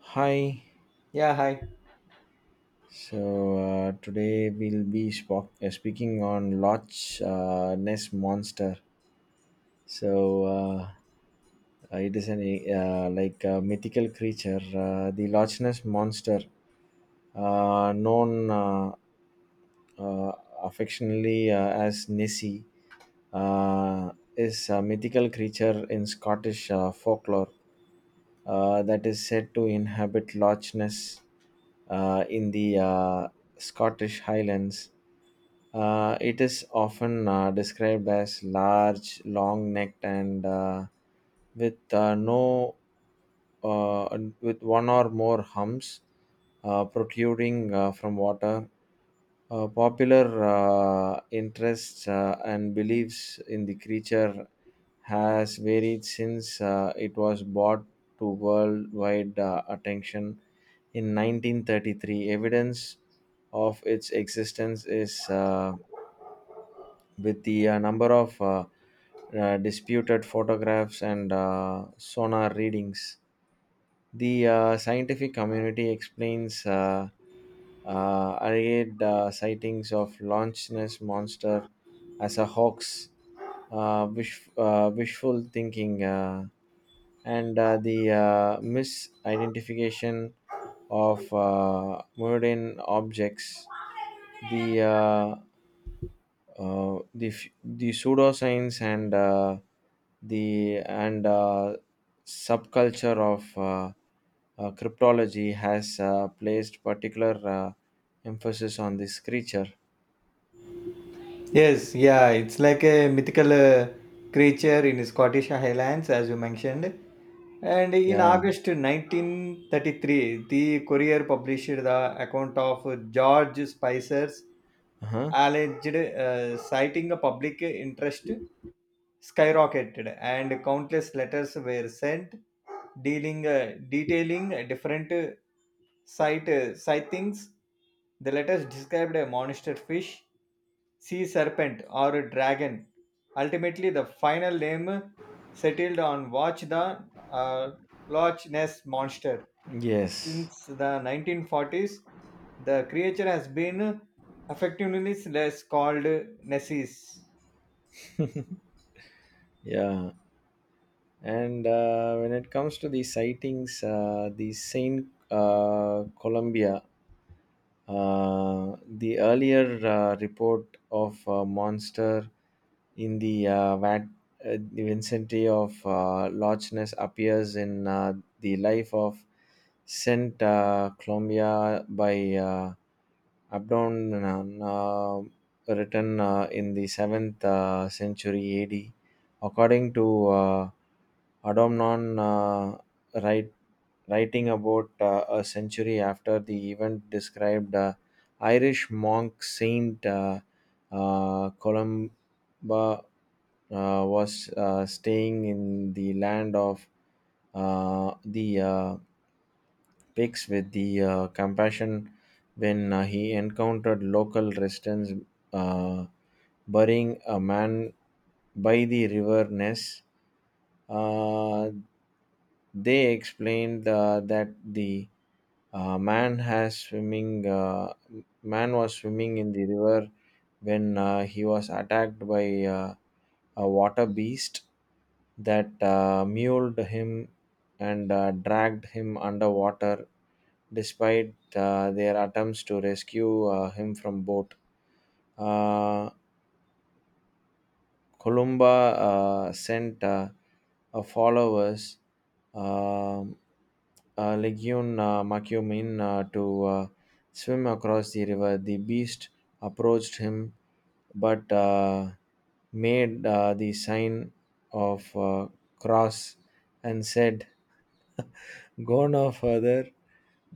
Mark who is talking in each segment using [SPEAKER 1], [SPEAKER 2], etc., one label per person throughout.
[SPEAKER 1] Hi.
[SPEAKER 2] Yeah, hi.
[SPEAKER 1] So today we'll be spock speaking on Loch Ness monster. So it is an like a mythical creature, the Loch Ness monster, known. Uh, affectionately as Nessie, is a mythical creature in Scottish folklore that is said to inhabit Loch Ness in the Scottish Highlands. It is often described as large, long necked, and with no and with one or more humps protruding from water. Popular interests and beliefs in the creature has varied since it was brought to worldwide attention in 1933. Evidence of its existence is with the number of disputed photographs and sonar readings. The scientific community explains alleged sightings of Loch Ness monster as a hoax, wishful thinking, and the misidentification of modern objects. The uh, the pseudoscience and subculture of cryptology has placed particular emphasis on this creature.
[SPEAKER 2] Yes, yeah, it's like a mythical creature in Scottish Highlands, as you mentioned. And in
[SPEAKER 1] Yeah.
[SPEAKER 2] August 1933, the Courier published the account of George Spicer's
[SPEAKER 1] Uh-huh.
[SPEAKER 2] alleged citing. A public interest skyrocketed and countless letters were sent dealing detailing different sightings. The letters described a monster fish, sea serpent, or a dragon. Ultimately, the final name settled on Watch the uh, Loch Ness Monster.
[SPEAKER 1] Yes.
[SPEAKER 2] Since the 1940s, the creature has been affectionately less called Nessis.
[SPEAKER 1] Yeah. And when it comes to the sightings, the Saint Columbia. The earlier report of monster in the the vicinity of Loch Ness appears in the life of Saint Columbia by Abdon, uh, written in the 7th century AD, according to Adomnon. Write, Writing about a century after the event, described Irish monk Saint Columba uh, was staying in the land of the Picks with the compassion when he encountered local residents uh, burying a man by the river Ness. Uh, they explained that the uh, man has swimming uh, man was swimming in the river when he was attacked by a water beast that mauled him and dragged him underwater despite their attempts to rescue him from boat. Uh, Columba sent followers, um Legion Macumin, to swim across the river. The beast approached him, but made the sign of cross and said, "Go no further.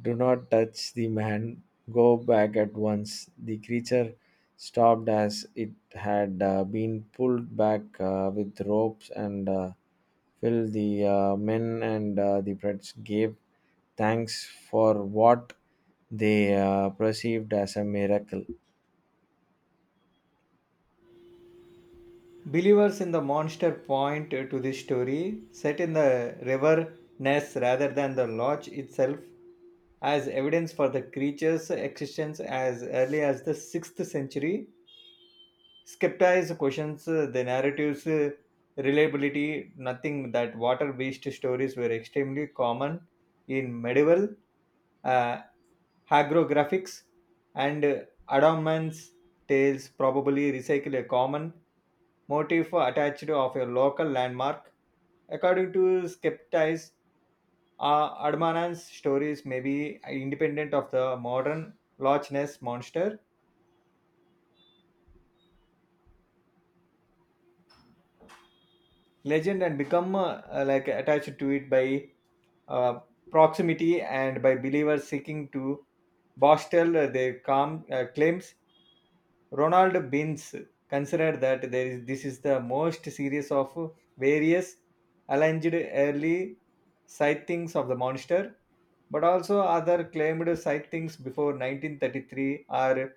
[SPEAKER 1] Do not touch the man. Go back at once." The creature stopped as it had been pulled back with ropes, and filled the men, and the priests gave thanks for what they perceived as a miracle.
[SPEAKER 2] Believers in the monster point to this story set in the river Ness rather than the lodge itself as evidence for the creature's existence as early as the 6th century. Skeptics questions the narrative's reliability, nothing that water based stories were extremely common in medieval uh, hagiographics, and adamant's tales probably recycle a common motif attached of a local landmark. According to skeptics, adamant's stories may be independent of the modern Loch Ness monster legend and become like attached to it by uh, proximity, and by believers seeking to borstal their claims. Ronald Beans considered that there is this is the most serious of various alleged early sightings of the monster, but also other claimed sightings before 1933 are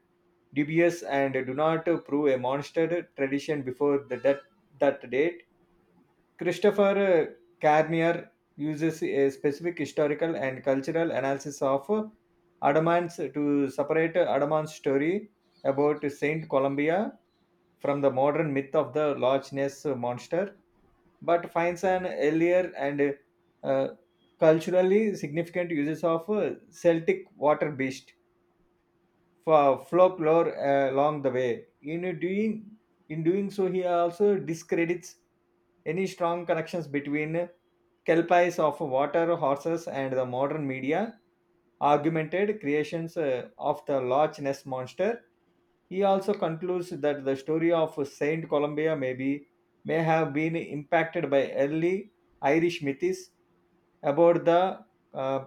[SPEAKER 2] dubious and do not prove a monster tradition before the, that that date. Christopher Carnier uses a specific historical and cultural analysis of Adamant's to separate Adamant's story about Saint Columbia from the modern myth of the Loch Ness monster, but finds an earlier and uh, culturally significant uses of Celtic water beast for folklore along the way. In doing so, he also discredits any strong connections between kelpies of water horses and the modern media argumented creations of the Loch Ness monster. He also concludes that the story of Saint Columbia may have been impacted by early Irish myths about the uh,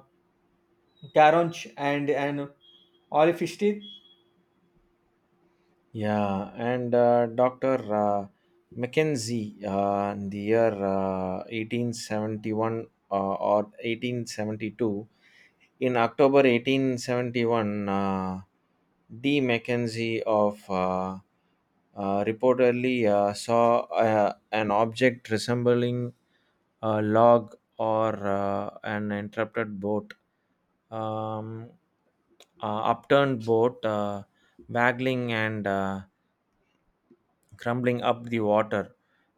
[SPEAKER 2] Caronch and an Orifiste.
[SPEAKER 1] Yeah, and Dr. Mackenzie in the year 1871 or 1872. In October 1871, D. Mackenzie of reportedly saw an object resembling a log or an um, upturned boat, waggling and crumbling up the water,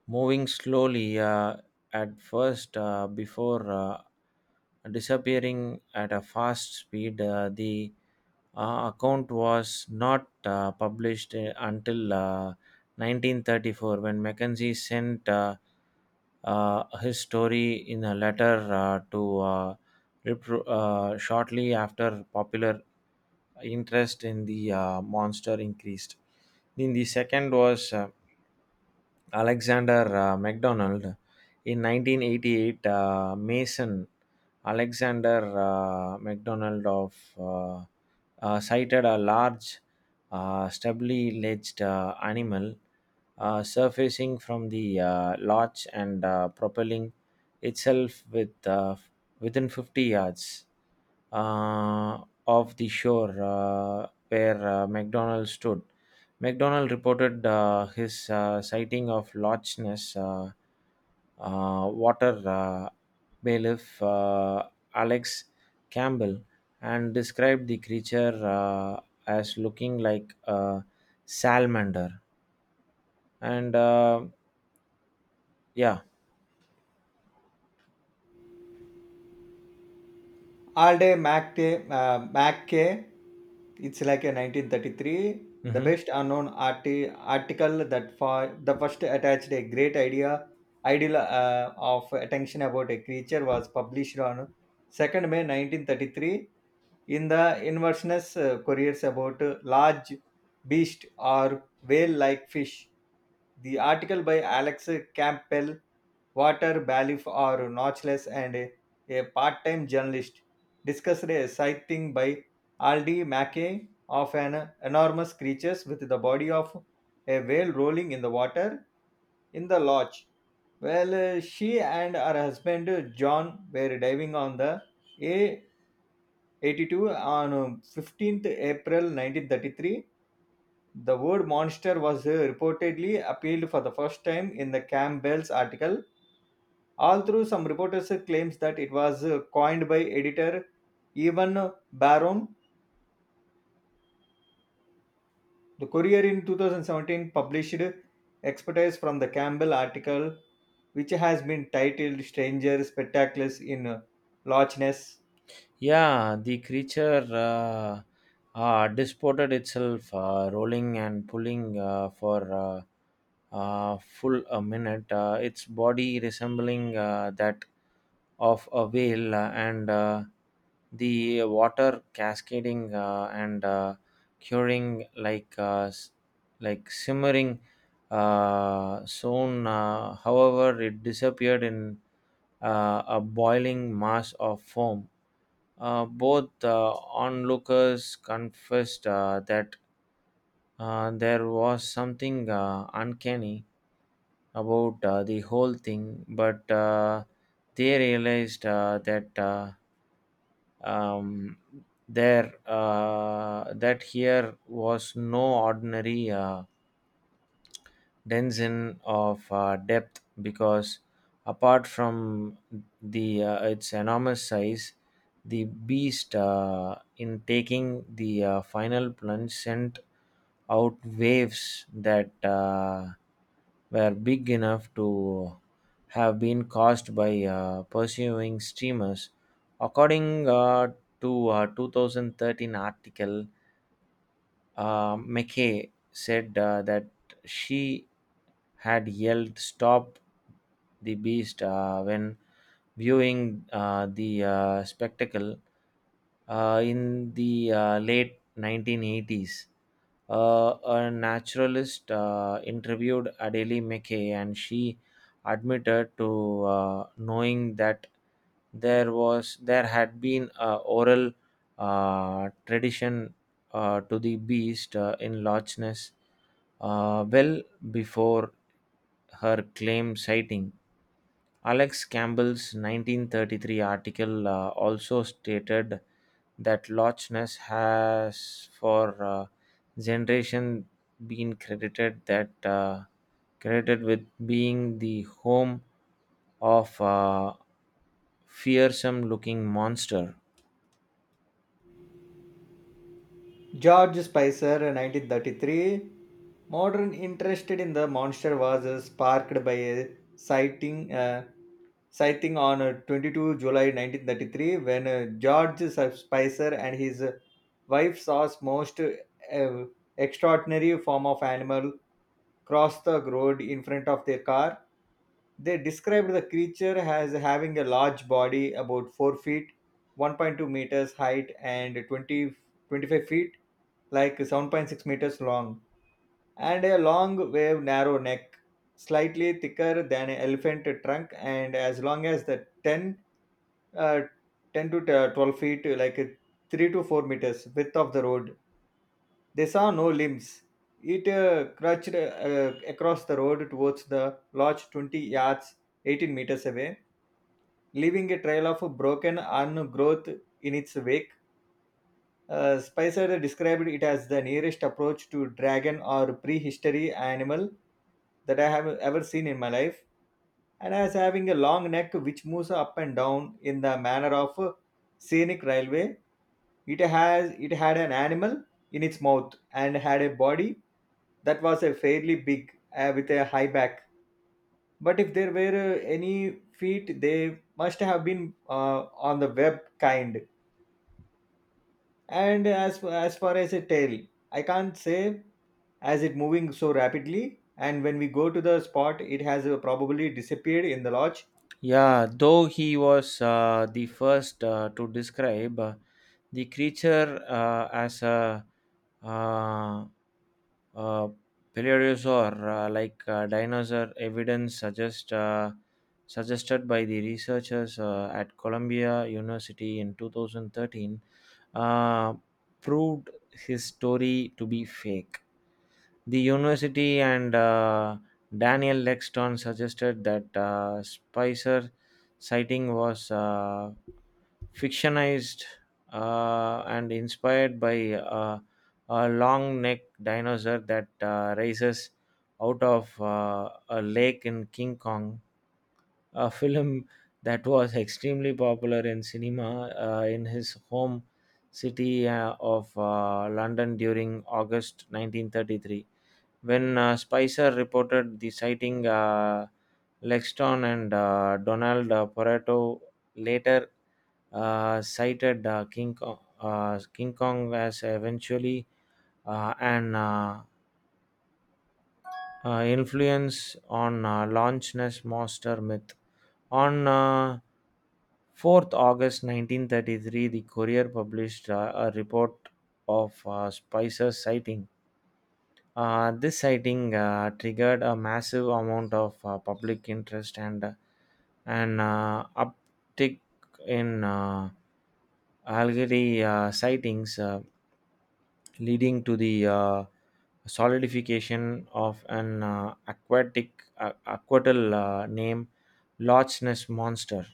[SPEAKER 1] moving slowly at first before disappearing at a fast speed. The account was not published until 1934, when Mackenzie sent his story in a letter shortly after popular interest in the monster increased. Then the second was Alexander MacDonald. In 1988, Mason Alexander MacDonald of sighted a large, stubbly ledged animal surfacing from the lodge and propelling itself within 50 yards uh, of the shore where McDonald stood. McDonald reported his sighting of Loch Ness water bailiff Alex Campbell and described the creature as looking like a salamander. And yeah.
[SPEAKER 2] All Day Mac K, it's like a 1933. The
[SPEAKER 1] Mhm.
[SPEAKER 2] best unknown article that for the first attached a great ideal of attention about a creature was published on May 2nd 1933 in the Inverness Couriers about large beast or whale like fish. The article by Alex Campbell, Water Balif or notchless, and a part-time journalist, discussed a sighting by Aldi Mackey of an enormous creature with the body of a whale rolling in the water in the lodge. Well, she and her husband John were diving on the A82 on April 15th 1933. The word monster was reportedly appealed for the first time in the Campbell's article, all through some reporters claims that it was coined by editor Evan Barron. The Courier in 2017 published expertise from the Campbell article, which has been titled "Stranger Spectacles in Loch Ness."
[SPEAKER 1] Yeah, the creature disported itself, rolling and pulling for full a minute, its body resembling that of a whale, and the water cascading and curing like like simmering soon. However, it disappeared in a boiling mass of foam. Both onlookers confessed that there was something uncanny about the whole thing, but they realized that um, there that here was no ordinary densin of depth because apart from the its enormous size, the beast in taking the final plunge sent out waves that were big enough to have been caused by pursuing streamers. According to a 2013 article, McKay said that she had yelled "Stop the Beast" when viewing the spectacle in the late 1980s. A naturalist interviewed Adele McKay, and she admitted to knowing that there had been a oral tradition to the beast in Loch Ness, well before her claim sighting. Alex Campbell's 1933 article also stated that Loch Ness has for generation been credited with being the home of a fearsome looking monster.
[SPEAKER 2] George Spicer, 1933, modern interest in the monster was sparked by a sighting, uh, sighting on July 22nd 1933 when George Spicer and his wife saw most extraordinary form of animal cross the road in front of their car. They described the creature as having a large body, about 4 feet, 1.2 meters height, and 20, 25 feet like 7.6 meters long, and a long, wave, narrow neck, slightly thicker than an elephant trunk, and as long as the 10, uh, 10 to 12 feet, like 3 to 4 meters width of the road. They saw no limbs. It crutched across the road towards the lodge 20 yards, 18 meters away, leaving a trail of broken undergrowth in its wake. Spicer described it as the nearest approach to dragon or prehistory animal that I have ever seen in my life, and as having a long neck which moves up and down in the manner of a scenic railway. It had an animal in its mouth and had a body that was a fairly big with a high back. But if there were any feet, they must have been on the web kind, and as far as a tail, I can't say, as it moving so rapidly and when we go to the spot it has probably disappeared in the lodge.
[SPEAKER 1] Yeah, though he was the first to describe the creature as a uh, uh, paleosaur, like dinosaur, evidence suggested by the researchers at Columbia University in 2013 uh, proved his story to be fake. The university and Daniel Lexton suggested that Spicer sighting was fictionalized and inspired by a long necked dinosaur that rises out of a lake in King Kong, a film that was extremely popular in cinema in his home city of London during August 1933. When Spicer reported the sighting, Lexton and Donald Pareto later cited King Kong as eventually an influence on Loch Ness Monster myth. On 4th August 1933, the Courier published a report of Spicer's sighting. This sighting triggered a massive amount of public interest and an uptick in algae sightings, leading to the solidification of an aquatic aquatal name, Loch Ness monster.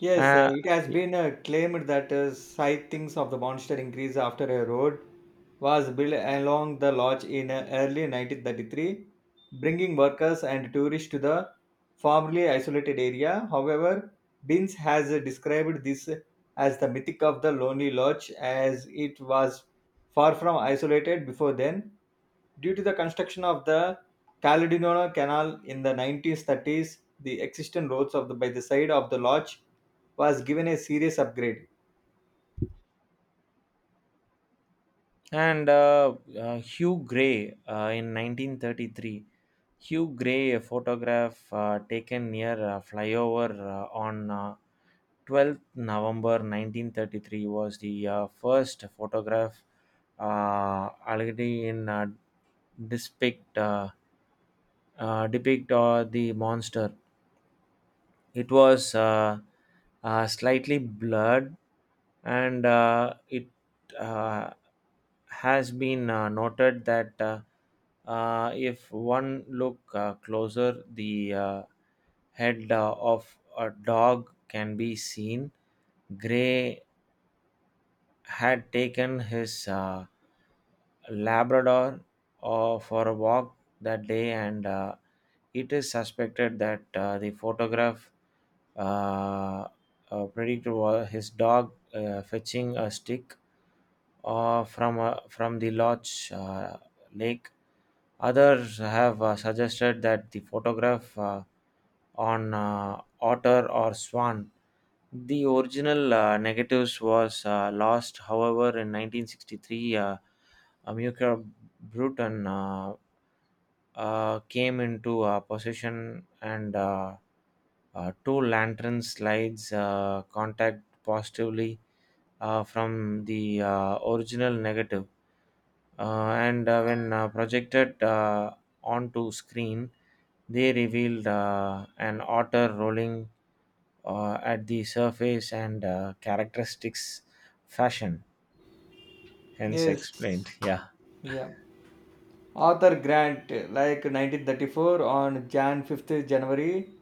[SPEAKER 2] Yes,
[SPEAKER 1] Uh,
[SPEAKER 2] it has been claimed that sightings of the monster increased after a road was built along the lodge in early 1933, bringing workers and tourists to the formerly isolated area. However, Binns has described this as the mythic of the lonely lodge as it was far from isolated before then. Due to the construction of the Caledonian Canal in the 1930s, the existing roads by the side of the lodge was given a serious upgrade.
[SPEAKER 1] and Hugh Gray in 1933. Hugh Gray, a photograph taken near a flyover on 12th November 1933, was the first photograph already in depict uh, depict the monster. It was slightly blurred, and it uh, has been noted that if one look closer, the head of a dog can be seen. Gray had taken his Labrador for a walk that day, and it is suspected that the photograph uh, his dog fetching a stick from the lodge lake. Others have suggested that the photograph on otter or swan. The original negatives was lost, however, in 1963, Amilcar Bruton came into possession, and two lantern slides contact positively from the original negative. And when projected onto screen, they revealed an otter rolling at the surface and characteristics fashion, hence
[SPEAKER 2] Yes,
[SPEAKER 1] explained. Yeah,
[SPEAKER 2] yeah. Arthur Grant, like 1934, on January 5th January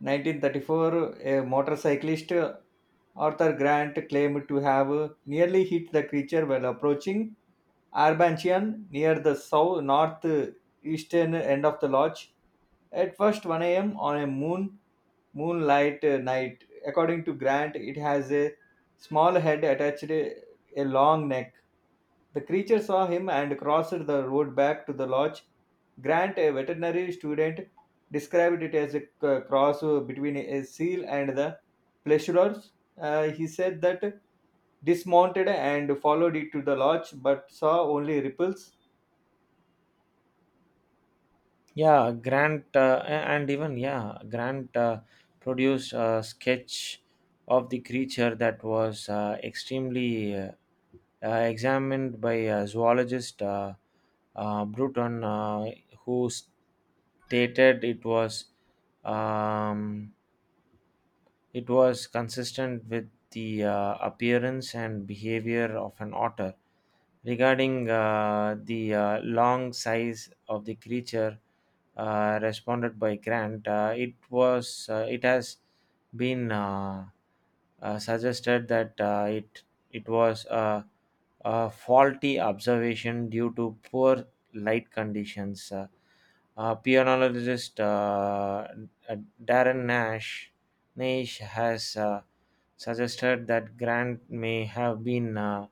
[SPEAKER 2] 1934, a motorcyclist, Arthur Grant, claimed to have nearly hit the creature while approaching Arbanchian, near the south north eastern end of the lodge, at first 1 a.m. on a moonlight night. According to Grant, it has a small head attached a long neck. The creature saw him and crossed the road back to the lodge. Grant, a veterinary student, described it as a cross between a seal and the pleasureers. He said that dismounted and followed it to the lodge but saw only ripples.
[SPEAKER 1] yeah. grant a- and even yeah Grant produced a sketch of the creature that was extremely examined by a zoologist, Bruton, who stated um, it was consistent with the appearance and behavior of an otter. Regarding the long size of the creature responded by Grant, it has been suggested that it was a faulty observation due to poor light conditions. Pianologist Darren Nash Naish has suggested that Grant may have been uh,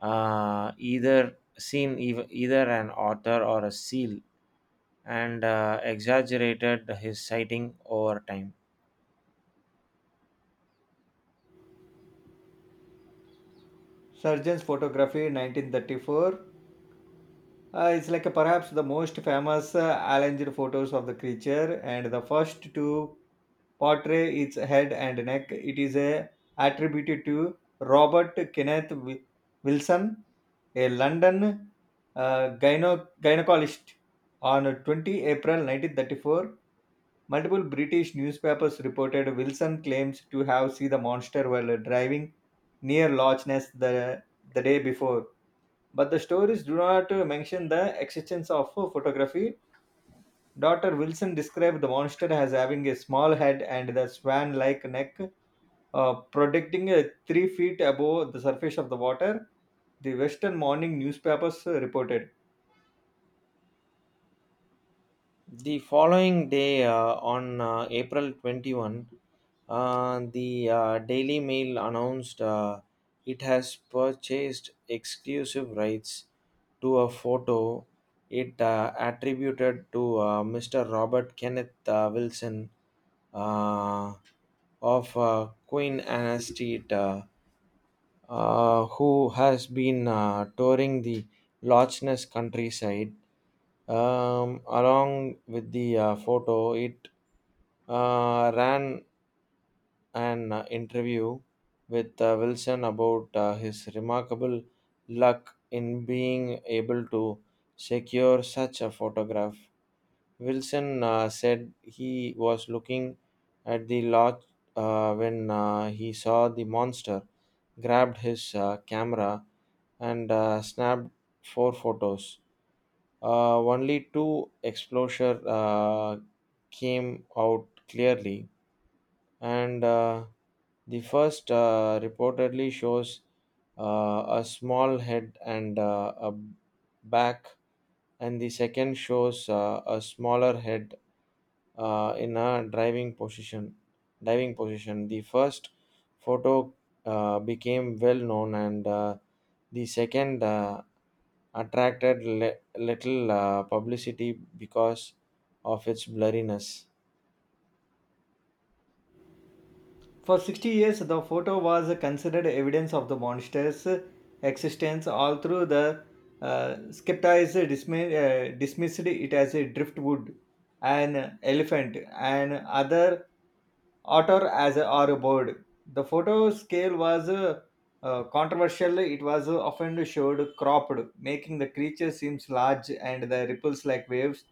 [SPEAKER 1] uh, either an otter or a seal, and exaggerated his sighting over time.
[SPEAKER 2] Surgeon's photography 1934 is like perhaps the most famous alleged photos of the creature and the first to portray its head and neck. It is attributed to Robert Kenneth Wilson, a London gynecologist, on April 20th 1934. Multiple British newspapers reported Wilson claims to have seen the monster while driving near Loch Ness the day before. But the stories do not mention the existence of a photography. Dr. Wilson described the monster as having a small head and the swan like neck, protecting 3 feet above the surface of the water, the Western morning newspapers reported.
[SPEAKER 1] The following day, on April 21, the Daily Mail announced it has purchased exclusive rights to a photo it attributed to Mr. Robert Kenneth Wilson uh, of Queen Anastita, uh, who has been touring the Loch Ness countryside. Along with the photo, it ran an interview with Wilson about his remarkable luck in being able to secure such a photograph. Wilson said he was looking at the lodge when he saw the monster, grabbed his camera, and snapped four photos. Only two exposure came out clearly, and the first reportedly shows a small head and a back, and the second shows a smaller head in a driving position. Diving position. The first photo became well known, and the second attracted little publicity because of its blurriness.
[SPEAKER 2] For 60 years, the photo was considered evidence of the monster's existence, all through the skeptics dismissed it as a driftwood, an elephant, and other otter or a bird. The photo scale was controversial. It was often showed cropped, making the creature seems large and the ripples like waves,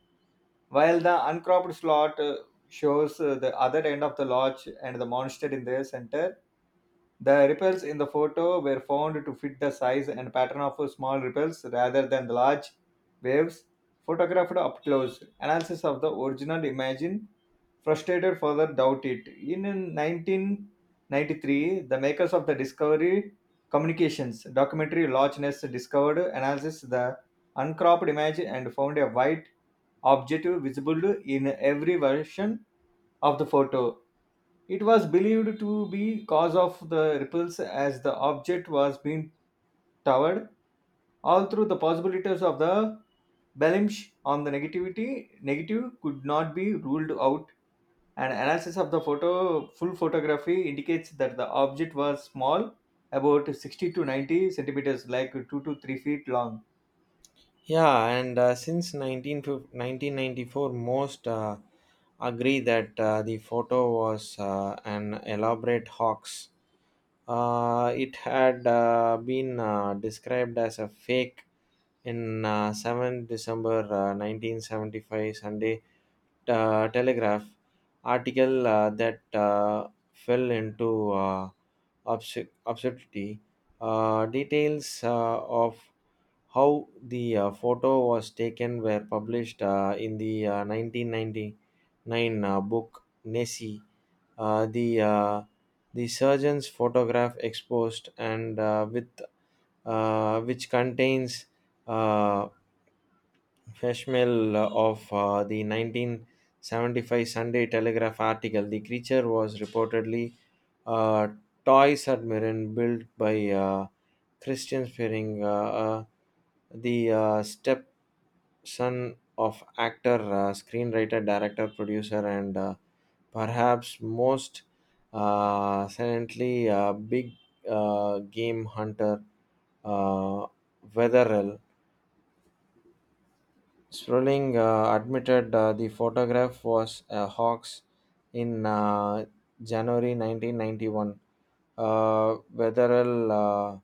[SPEAKER 2] while the uncropped slot shows the other end of the lodge and the monster in the center. The ripples in the photo were found to fit the size and pattern of small ripples rather than the large waves photographed up close. Analysis of the original image frustrated further doubt it. In 1993, the makers of the Discovery Communications documentary Loch Ness discovered analysis the uncropped image and found a white objective visible in every version of the photo. It was believed to be cause of the ripples as the object was being towered. All through the possibilities of the Belimsh on the negativity negative could not be ruled out. An analysis of the photo full photography indicates that the object was small, about 60 to 90 centimeters, like 2 to 3 feet long.
[SPEAKER 1] Yeah, and since 1950 most agree that the photo was an elaborate hoax. It had been described as a fake in 7 December 1975 Sunday Telegraph article that fell into obscurity. Details of how the photo was taken were published in the 1999 book Nessie. Uh, the uh, the surgeon's photograph exposed, and with which contains uh, Feshmel of the 1975 Sunday Telegraph article, the creature was reportedly a toy submarine built by Christian Spearing, the stepson of actor, screenwriter, director, producer, and perhaps most silently big game hunter uh, Wetherell. Sproling admitted the photograph was a hoax in January 1991. Wetherell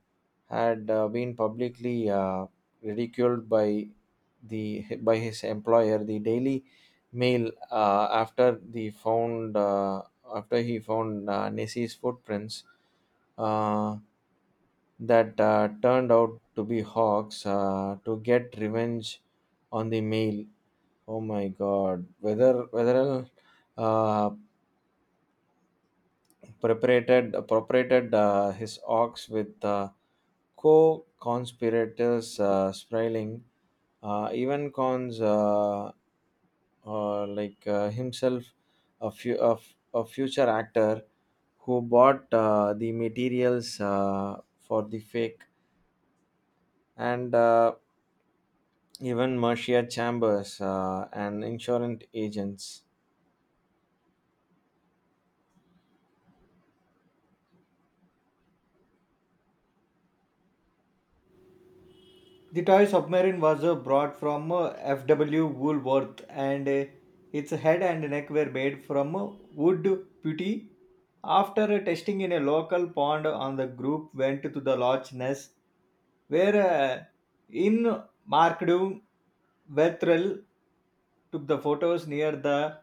[SPEAKER 1] had been publicly ridiculed by the by his employer, the Daily Mail, after he found Nessie's footprints. Uh, that turned out to be hawks to get revenge on the meal. Oh my God! Whether whether uh, preparated appropriated his ox with co-conspirators spiraling, even cons like himself, a, fu- a, f- a future actor who bought the materials for the fake, and even Marcia Chambers and insurance agents.
[SPEAKER 2] The toy submarine was brought from F.W. Woolworth, and its head and neck were made from wood putty. After testing in a local pond, on the group went to the Loch Ness, where in Mark Vethrel took the photos near the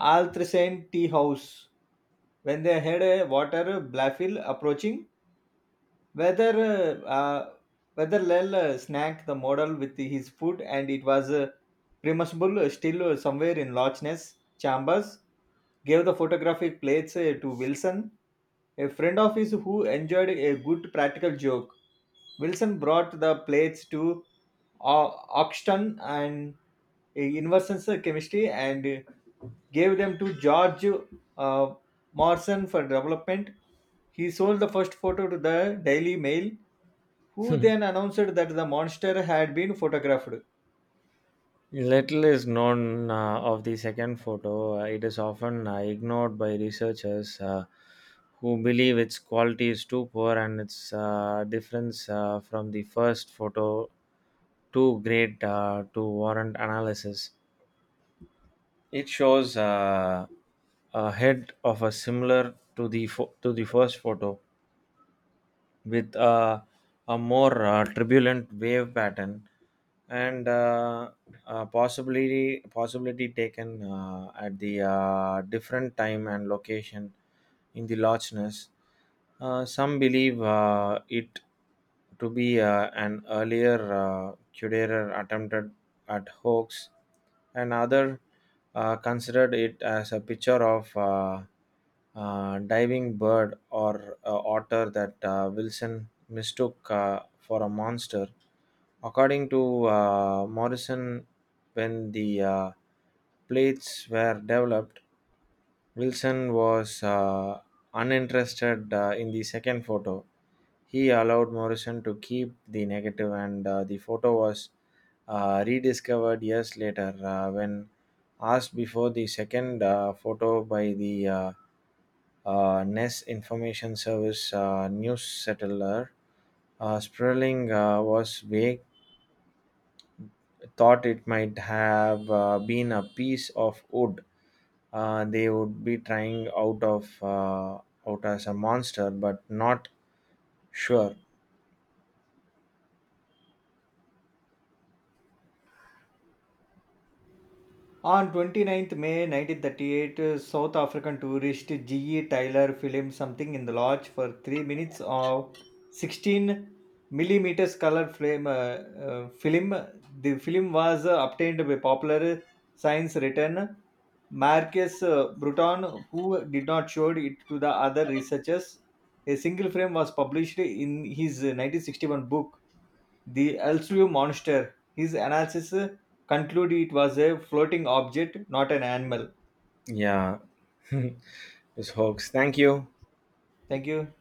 [SPEAKER 2] Altrician tea house. When they heard a water blaffle approaching, whether uh, uh, whether Lel snagged the model with his foot, and it was premisable still somewhere in Lochness. Chambers gave the photographic plates to Wilson, a friend of his who enjoyed a good practical joke. Wilson brought the plates to Oxton and Inversions Chemistry, and gave them to George uh, Morrison for development. He sold the first photo to the Daily Mail, who then announced that the monster had been photographed.
[SPEAKER 1] Little is known of the second photo. It is often ignored by researchers who believe its quality is too poor and its difference from the first photo too great to warrant analysis. It shows a head of a similar to the to the first photo with a more turbulent wave pattern, and possibility taken at the different time and location in the largeness. Some believe it to be an earlier Cuderer attempted at hoax, and other considered it as a picture of diving bird or otter that Wilson mistook for a monster. According to Morrison, when the plates were developed, Wilson was uninterested in the second photo. He allowed Morrison to keep the negative, and the photo was rediscovered years later when asked before the second photo by the NES Information Service news settler. Sperling was vague, thought it might have been a piece of wood they would be trying out as a monster, but not sure.
[SPEAKER 2] On twenty ninth May 1938, South African tourist G.E. Tyler filmed something in the lodge for 3 minutes of 16 millimeters color frame, film. The film was obtained by popular science writer Marcus Bruton, who did not show it to the other researchers. A single frame was published in his 1961 book the Elsevier monster. His analysis concluded it was a floating object, not an animal.
[SPEAKER 1] Yeah. This hoax. Thank you.
[SPEAKER 2] Thank you.